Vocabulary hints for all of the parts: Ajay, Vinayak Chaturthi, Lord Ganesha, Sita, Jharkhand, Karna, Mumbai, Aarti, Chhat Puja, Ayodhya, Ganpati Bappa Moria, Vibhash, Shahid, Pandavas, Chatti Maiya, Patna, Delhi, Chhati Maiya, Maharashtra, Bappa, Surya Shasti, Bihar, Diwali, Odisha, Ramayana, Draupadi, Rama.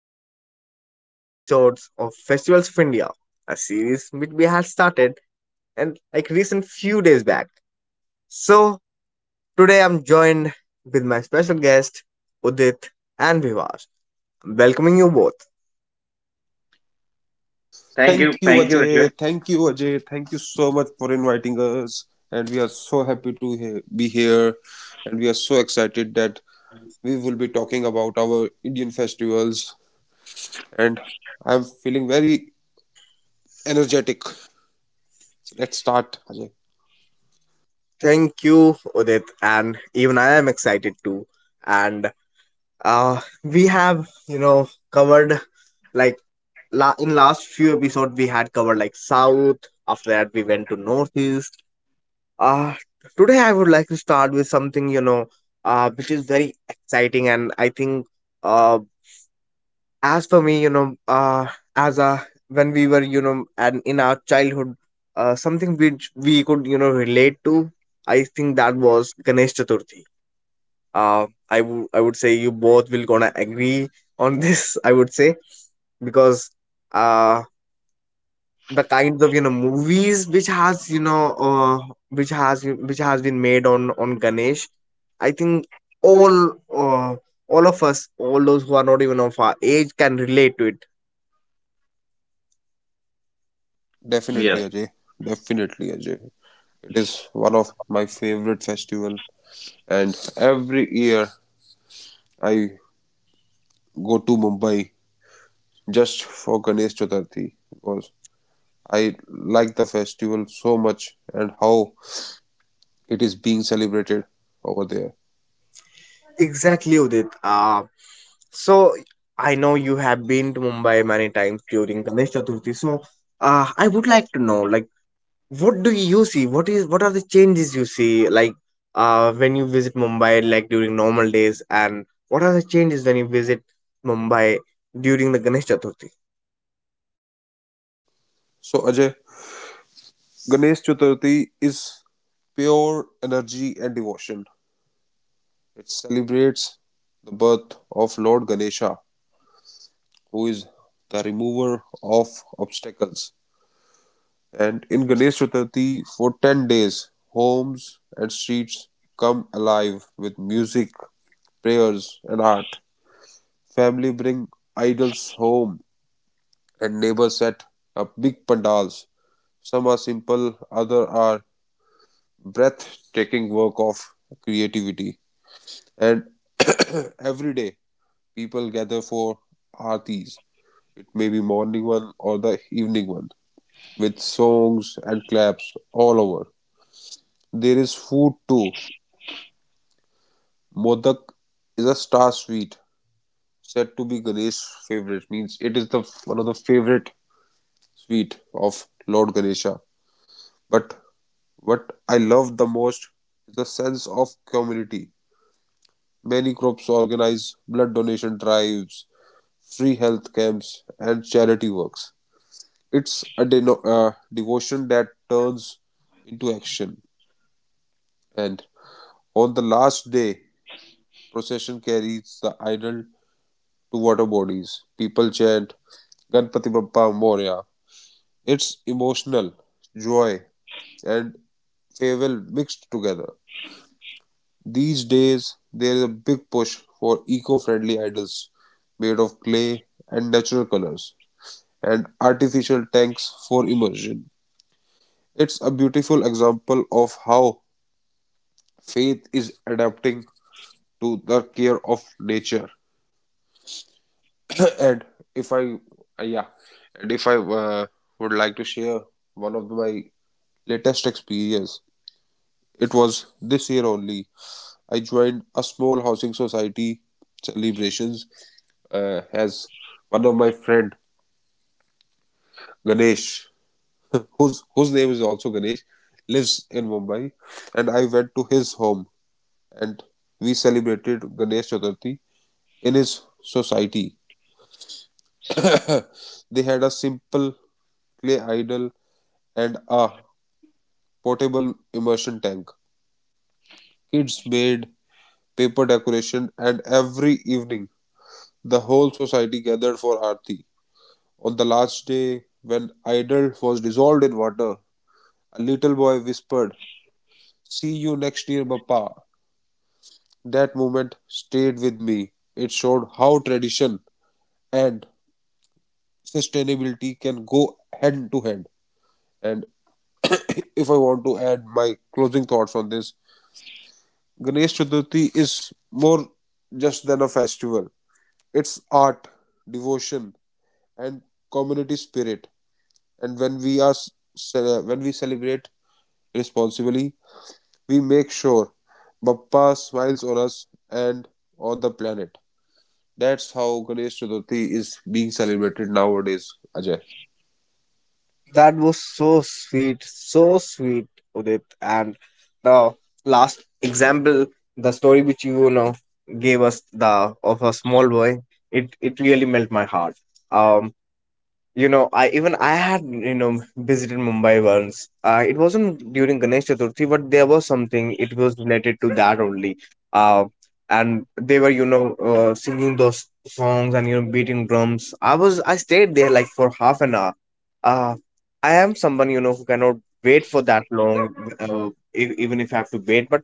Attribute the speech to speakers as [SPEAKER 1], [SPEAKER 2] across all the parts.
[SPEAKER 1] to our special episodes of Festivals of India, a series which we had started and like recent few days back. So today I'm joined with my special guest Udit and Vivas. I'm welcoming you both.
[SPEAKER 2] Thank you.
[SPEAKER 3] Thank you,
[SPEAKER 2] Thank you, Ajay.
[SPEAKER 3] Ajay. Thank you, Ajay. Thank you so much for inviting us. And we are so happy to be here. And we are so excited that we will be talking about our Indian festivals. And I'm feeling very energetic. So let's start, Ajay.
[SPEAKER 1] Thank you, Udit, and even I am excited too. And we have covered, like, in last few episodes we had covered, like, south. After that we went to northeast. Uh, today I would like to start with something, which is very exciting. And I think, uh, as for me, when we were, you know, and in our childhood, something which we could, relate to. I think that was Ganesh Chaturthi. I would say you both will gonna agree on this, I would say, because, uh, the kinds of movies which has you know which has been made on Ganesh. I think all uh, all of us, all those who are not even of our age, can relate to it.
[SPEAKER 3] Definitely,
[SPEAKER 2] Yes.
[SPEAKER 3] Ajay. Definitely, Ajay. It is one of my favorite festival. And every year I go to Mumbai just for Ganesh Chaturthi because I like the festival so much and how it is being celebrated over there.
[SPEAKER 1] Exactly, Udit. So I know you have been to Mumbai many times during Ganesh Chaturthi. So, I would like to know, like, what do you see, what are the changes you see, like when you visit Mumbai, like during normal days, and what are the changes when you visit Mumbai during the Ganesh Chaturthi?
[SPEAKER 3] So, Ajay, Ganesh Chaturthi is pure energy and devotion. It celebrates the birth of Lord Ganesha, who is the remover of obstacles. And in Ganesh Chaturthi, for 10 days, homes and streets come alive with music, prayers, and art. Family bring idols home and neighbors set up big pandals. Some are simple, others are breathtaking work of creativity. And every day, people gather for artis. It may be morning one or the evening one, with songs and claps all over. There is food too. Modak is a star sweet, said to be Ganesh's favorite. Means it is the one of the favorite sweet of Lord Ganesha. But what I love the most is the sense of community. Many groups organize blood donation drives, free health camps, and charity works. It's a devotion that turns into action. And on the last day, procession carries the idol to water bodies. People chant Ganpati Bappa Moria. It's emotional, joy, and farewell mixed together. These days, there is a big push for eco friendly idols made of clay and natural colors, and artificial tanks for immersion. It's a beautiful example of how faith is adapting to the care of nature. And if I, yeah, and if I would like to share one of my latest experience, it was this year only. I joined a small housing society celebrations as one of my friend Ganesh, whose name is also Ganesh, lives in Mumbai, and I went to his home and we celebrated Ganesh Chaturthi in his society. They had a simple clay idol and a portable immersion tank. Kids made paper decoration, and every evening the whole society gathered for Aarti. On the last day, when idol was dissolved in water, a little boy whispered, "See you next year, Papa." That moment stayed with me. It showed how tradition and sustainability can go hand to hand. And if I want to add my closing thoughts on this, Ganesh Chaturthi is more just than a festival. It's art, devotion, and community spirit. And when we celebrate responsibly, we make sure Bappa smiles on us and on the planet. That's how Ganesh Chaturthi is being celebrated nowadays, Ajay.
[SPEAKER 1] That was so sweet, Udit. And the last example, the story which you know gave us the of a small boy, it really melt my heart. Um, You know, I even I had visited Mumbai once. It wasn't during Ganesh Chaturthi, but there was something. It was related to that only. Uh, and they were singing those songs and beating drums. I stayed there like for half an hour. Uh, I am someone who cannot wait for that long, even if I have to wait. But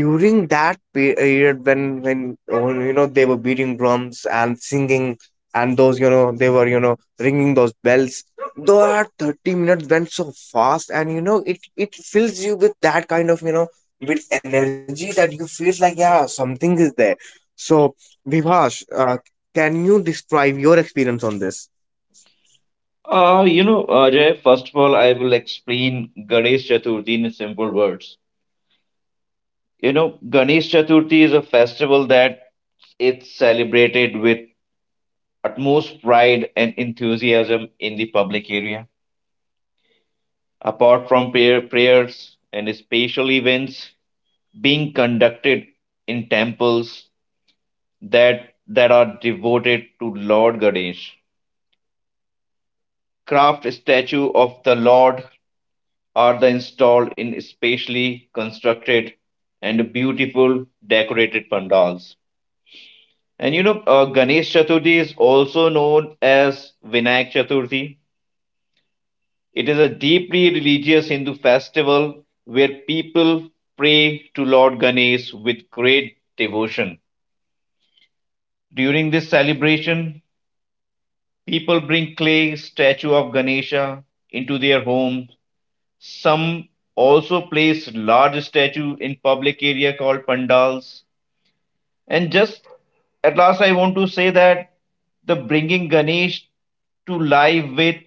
[SPEAKER 1] during that period, when they were beating drums and singing, and those, they were, ringing those bells. That 30 minutes went so fast, and it fills you with that kind of, with energy, that you feel like, yeah, something is there. So, Vivash, can you describe your experience on this?
[SPEAKER 2] Ajay, first of all, I will explain Ganesh Chaturthi in simple words. Ganesh Chaturthi is a festival that it's celebrated with utmost pride and enthusiasm in the public area. Apart from prayer, prayers and special events being conducted in temples that that are devoted to Lord Ganesh. Craft statue of the Lord are the installed in specially constructed and beautiful decorated pandals. And Ganesh Chaturthi is also known as Vinayak Chaturthi. It is a deeply religious Hindu festival where people pray to Lord Ganesh with great devotion. During this celebration, people bring clay statue of Ganesha into their homes. Some also place large statue in public area called pandals. And just at last, I want to say that the bringing Ganesh to life with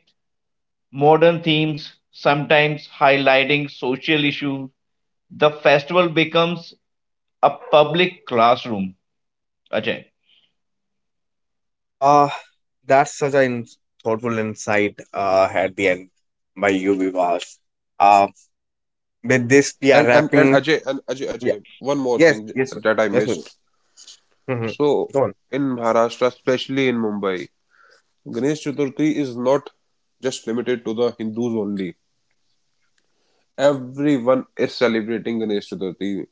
[SPEAKER 2] modern themes, sometimes highlighting social issues, the festival becomes a public classroom, Ajay.
[SPEAKER 1] uh that's such an thoughtful insight, at the end, by you, Vivash. With this, we are
[SPEAKER 3] And and, and
[SPEAKER 1] wrapping.
[SPEAKER 3] Ajay and Ajay
[SPEAKER 1] Yeah.
[SPEAKER 3] Ajay, one more
[SPEAKER 1] Yes,
[SPEAKER 3] thing
[SPEAKER 1] yes, sir.
[SPEAKER 3] that I
[SPEAKER 1] Yes. Sir.
[SPEAKER 3] missed.
[SPEAKER 1] Hmm.
[SPEAKER 3] So
[SPEAKER 1] Go on.
[SPEAKER 3] in Maharashtra, especially in Mumbai, Ganesh Chaturthi is not just limited to the Hindus only. Everyone is celebrating Ganesh Chaturthi.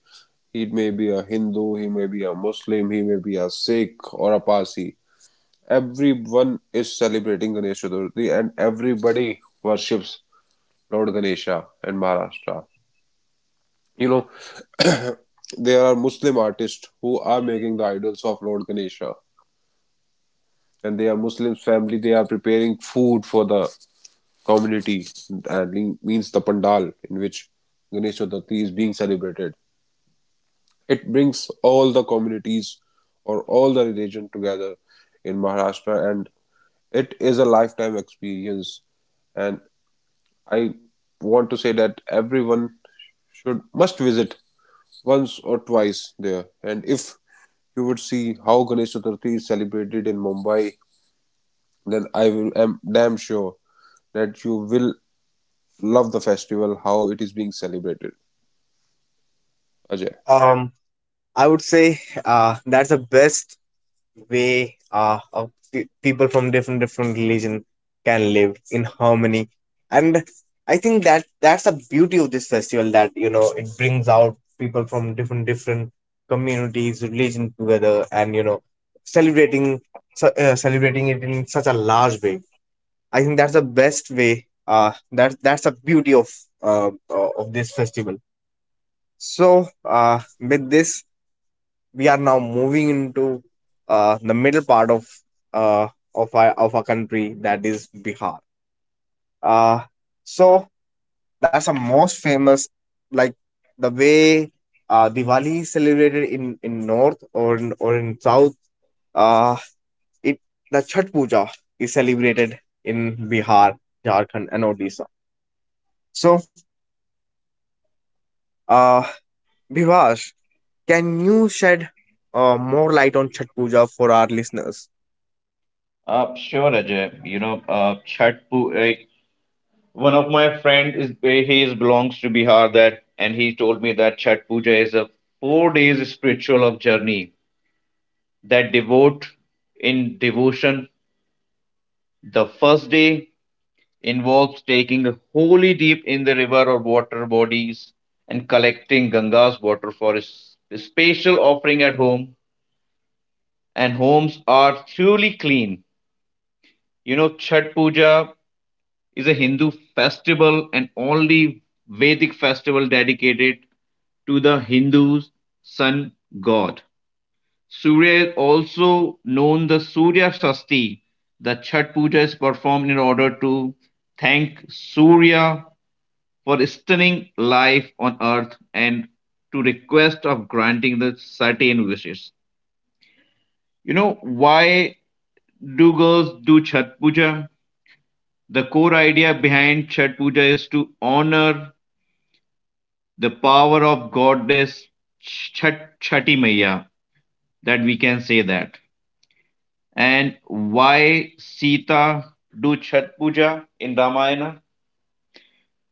[SPEAKER 3] He may be a Hindu, he may be a Muslim, he may be a Sikh or a Parsi. Everyone is celebrating Ganesh Chaturthi and everybody worships Lord Ganesha in Maharashtra. You know, there are Muslim artists who are making the idols of Lord Ganesha, and they are Muslim family. They are preparing food for the community, and it means the pandal in which Ganesh Chaturthi is being celebrated. It brings all the communities or all the religion together in Maharashtra, and it is a lifetime experience. And I want to say that everyone should must visit once or twice there, and if you would see how Ganesh Chaturthi is celebrated in Mumbai, then I will, am damn sure that you will love the festival, how it is being celebrated. Ajay,
[SPEAKER 1] Um, I would say, that's the best way, of people from different religion can live in harmony, and I think that that's the beauty of this festival, that it brings out people from different communities, religion together, and, celebrating, celebrating it in such a large way. I think that's the best way. That's the beauty of, of this festival. So, with this, we are now moving into, the middle part of, uh, of our country, that is Bihar. Uh, so that's the most famous, like the way Diwali is celebrated in north, or in south. Uh, it the Chhat Puja is celebrated in Bihar, Jharkhand, and Odisha. So Uh, Vivash, can you shed, more light on Chhat Puja for our listeners?
[SPEAKER 2] Sure, Ajay. One of my friend is he is belongs to Bihar, that and he told me that Chhat Puja is a 4 days spiritual of journey that devote in devotion. The first day involves taking a holy deep in the river or water bodies and collecting Ganga's water for a special offering at home. And homes are truly clean. Chhat Puja is a Hindu festival and only Vedic festival dedicated to the Hindus' sun god. Surya is also known the Surya Shasti. The Chhat Puja is performed in order to thank Surya for sustaining life on earth and to request of granting the certain wishes. You know, why do girls do Chhat Puja? The core idea behind Chhat Puja is to honor the power of goddess Chat, Chatti Maiya, that we can say that. And why Sita do Chat Puja in Ramayana?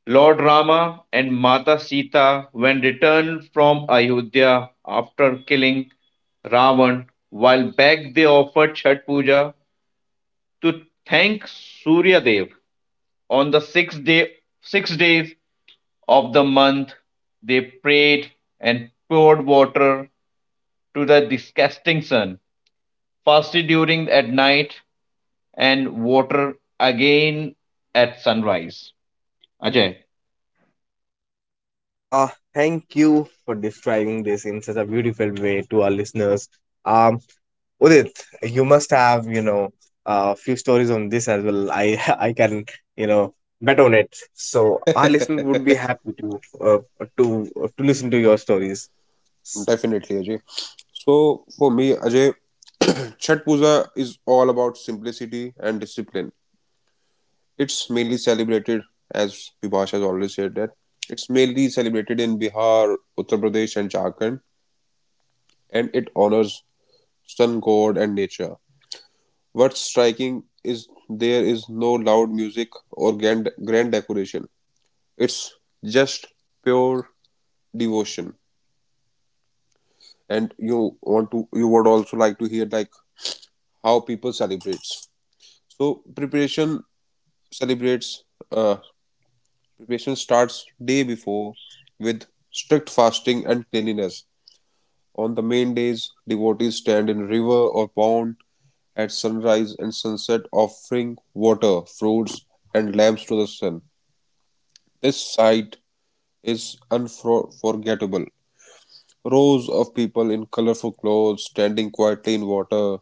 [SPEAKER 2] Lord Rama and Mata Sita, when returned from Ayodhya after killing Ravan, while back they offered Chat Puja to thank Surya Dev. On the sixth day, 6 days of the month, they prayed and poured water to the disgusting sun, fasted during at night, and water again at sunrise. Ajay.
[SPEAKER 1] Uh, thank you for describing this in such a beautiful way to our listeners. Um, Udit, you must have, a few stories on this as well. I, I can, you know, bet on it. So our listeners would be happy to listen to your stories. S-
[SPEAKER 3] definitely, Ajay. So for me, Ajay, Chhat Puja is all about simplicity and discipline. It's mainly celebrated, as Vibhash has always said, that it's mainly celebrated in Bihar, Uttar Pradesh and Jharkhand, and it honors sun god and nature. What's striking is there is no loud music or grand, grand decoration. It's just pure devotion. And you want to you would also like to hear like how people celebrates. So celebrates uh, preparation starts day before with strict fasting and cleanliness. On the main days, devotees stand in river or pond at sunrise and sunset offering water, fruits and lamps to the sun. This sight is unforgettable. Rows of people in colorful clothes standing quietly in water,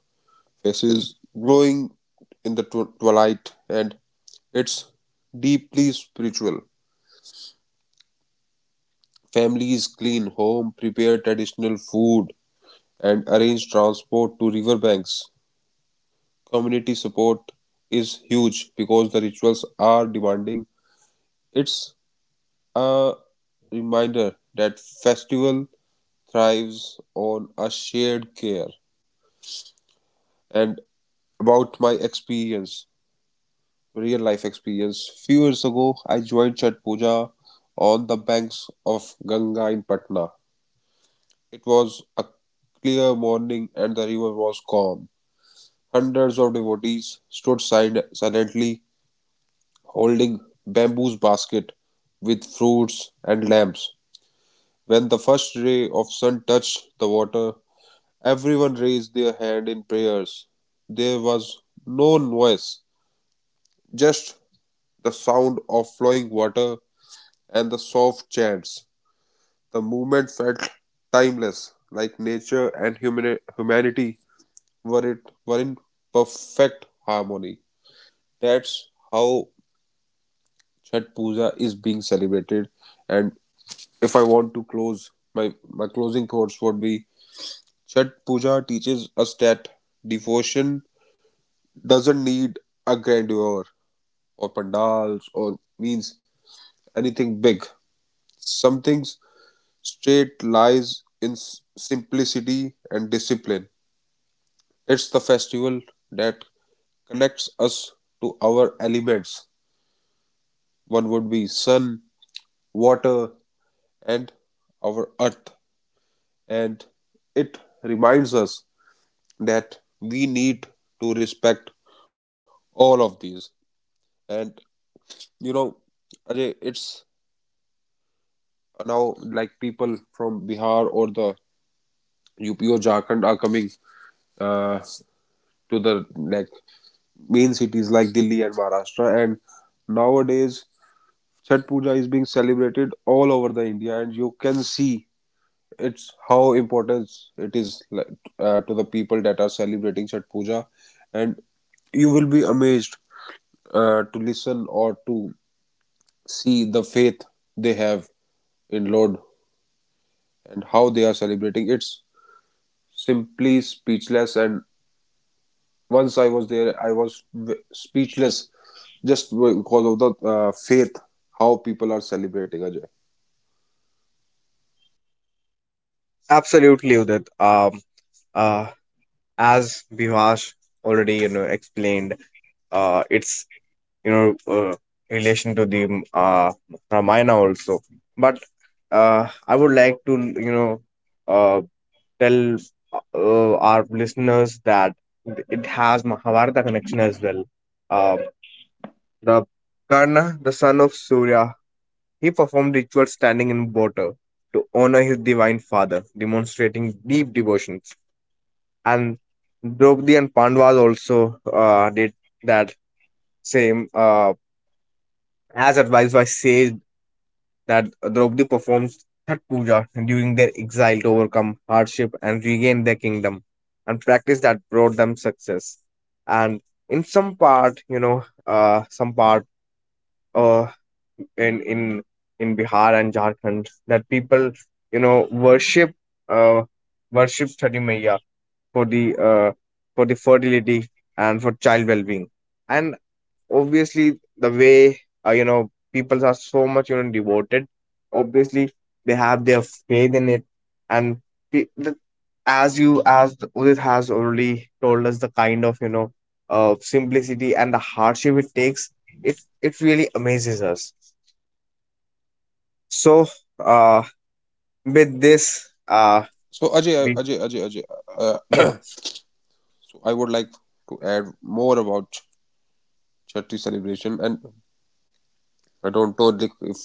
[SPEAKER 3] faces glowing in the twilight, and it's deeply spiritual. Families clean home, prepare traditional food, and arrange transport to riverbanks. Community support is huge because the rituals are demanding. It's a reminder that festival thrives on a shared care. And about my experience, real life experience. Few years ago, I joined Chhat Puja on the banks of Ganga in Patna. It was a clear morning and the river was calm. Hundreds of devotees stood silently holding bamboo basket with fruits and lamps. When the first ray of sun touched the water, everyone raised their hand in prayers. There was no noise, just the sound of flowing water, and the soft chants. The movement felt timeless, like nature and humanity were in perfect harmony. That's how Chhat Puja is being celebrated. And if I want to close, my closing thoughts would be Chhat Puja teaches us that devotion doesn't need a grandeur or pandals or means anything big. Some things state lies in simplicity and discipline. It's the festival that connects us to our elements. One would be sun, water, and our earth. And it reminds us that we need to respect all of these. And you know, Ajay, it's now like people from Bihar or the UP or Jharkhand are coming to the like main cities like Delhi and Maharashtra. And nowadays, Chhat Puja is being celebrated all over the India, and you can see it's how important it is like, to the people that are celebrating Chhat Puja, and you will be amazed to listen or to see the faith they have in Lord and how they are celebrating. It's simply speechless. And once I was there, I was speechless just because of the faith how people are celebrating, Ajay.
[SPEAKER 1] Absolutely, Udit. Uh, as Vivash already, explained, it's, you know uh, relation to the, Ramayana also. But, I would like to, you know uh, tell, our listeners that it has Mahabharata connection as well. Uh, the Karna, the son of Surya, he performed rituals standing in water to honor his divine father, demonstrating deep devotion. And Draupadi and Pandavas also, did that same, as advised by sage, that Draupadi performs Chhat Puja during their exile to overcome hardship and regain their kingdom, and practice that brought them success. And in some part, uh, in in in Bihar and Jharkhand, that people, you know, worship uh, worship Chhati Maiya for the, fertility and for child well-being. And obviously the way, people are so much, devoted. Obviously they have their faith in it, and, pe- the, as you as the- Udit has already told us the kind of, simplicity and the hardship it takes. It really amazes us. So, uh with this,
[SPEAKER 3] So Ajay,
[SPEAKER 1] we.
[SPEAKER 3] Ajay, Ajay, Ajay. Uh,
[SPEAKER 1] Yes.
[SPEAKER 3] so I would like to add more about Chhathi celebration, and I don't know like, if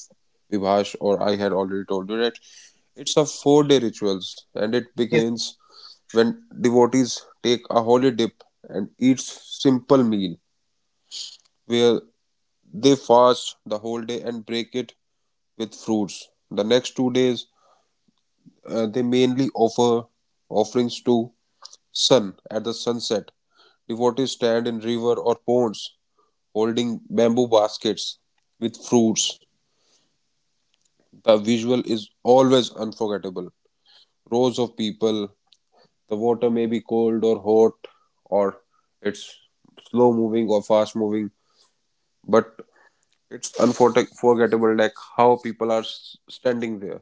[SPEAKER 3] Vibhash or I had already told you that it's a 4-day rituals, and it
[SPEAKER 1] Yes.
[SPEAKER 3] begins when devotees take a holy dip and eat simple meal, where they fast the whole day and break it with fruits. The next 2 days they mainly offerings to sun at the sunset. Devotees stand in river or ponds holding bamboo baskets with fruits. The visual is always unforgettable. Rows of people, the water may be cold or hot or it's slow moving or fast moving, but it's unforgettable like how people are standing there.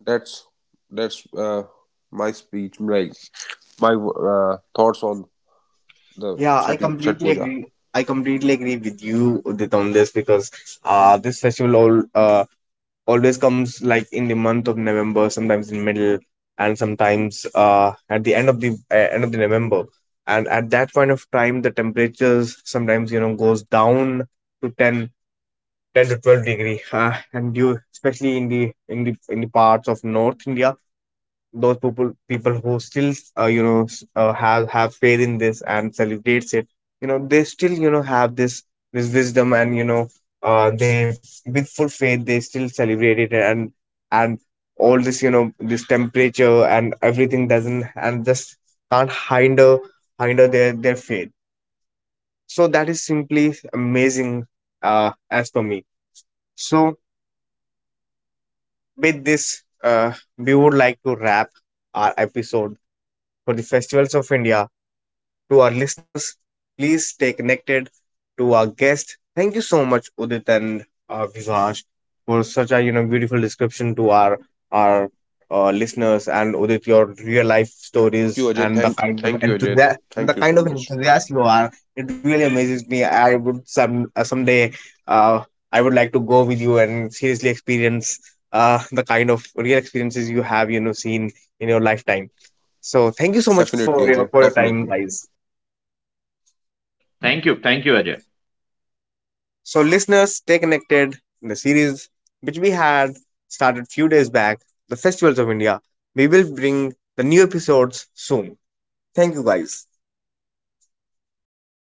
[SPEAKER 3] That's that's my speech, like my thoughts on the
[SPEAKER 1] Yeah, I
[SPEAKER 3] Chat
[SPEAKER 1] completely
[SPEAKER 3] Puja.
[SPEAKER 1] agree I completely agree with you, Udit, on this, because, this festival, all always comes like in the month of November, sometimes in middle, and sometimes, at the end of the, November. And at that point of time, the temperatures sometimes, goes down to, 10 to 12 degree, and you, especially in the, in the parts of North India, those people who still, have faith in this and celebrates it. They still, have this wisdom, and, they with full faith they still celebrate it. And all this, this temperature and everything doesn't, and just can't hinder their faith. So that is simply amazing, as for me. So, with this, we would like to wrap our episode for the Festivals of India to our listeners. Please stay connected to our guest. Thank you so much, Udit and, Vivaj, for such a, beautiful description to our, our listeners, and Udit, your real life
[SPEAKER 3] Thank you,
[SPEAKER 1] stories
[SPEAKER 3] Ajay.
[SPEAKER 1] and the
[SPEAKER 3] Thank
[SPEAKER 1] kind of
[SPEAKER 3] thank you, Ajay.
[SPEAKER 1] enthusiasm and the
[SPEAKER 3] Thank you
[SPEAKER 1] kind of
[SPEAKER 3] so much.
[SPEAKER 1] enthusiast you are. It really amazes me. I would some someday uh, I would like to go with you and seriously experience, the kind of real experiences you have, seen in your lifetime. So thank you so much
[SPEAKER 3] Definitely,
[SPEAKER 1] for your
[SPEAKER 3] Ajay.
[SPEAKER 1] time,
[SPEAKER 3] Definitely.
[SPEAKER 1] guys.
[SPEAKER 2] Thank you. Thank you, Ajay.
[SPEAKER 1] So listeners, stay connected in the series which we had started few days back, the Festivals of India. We will bring the new episodes soon. Thank you, guys.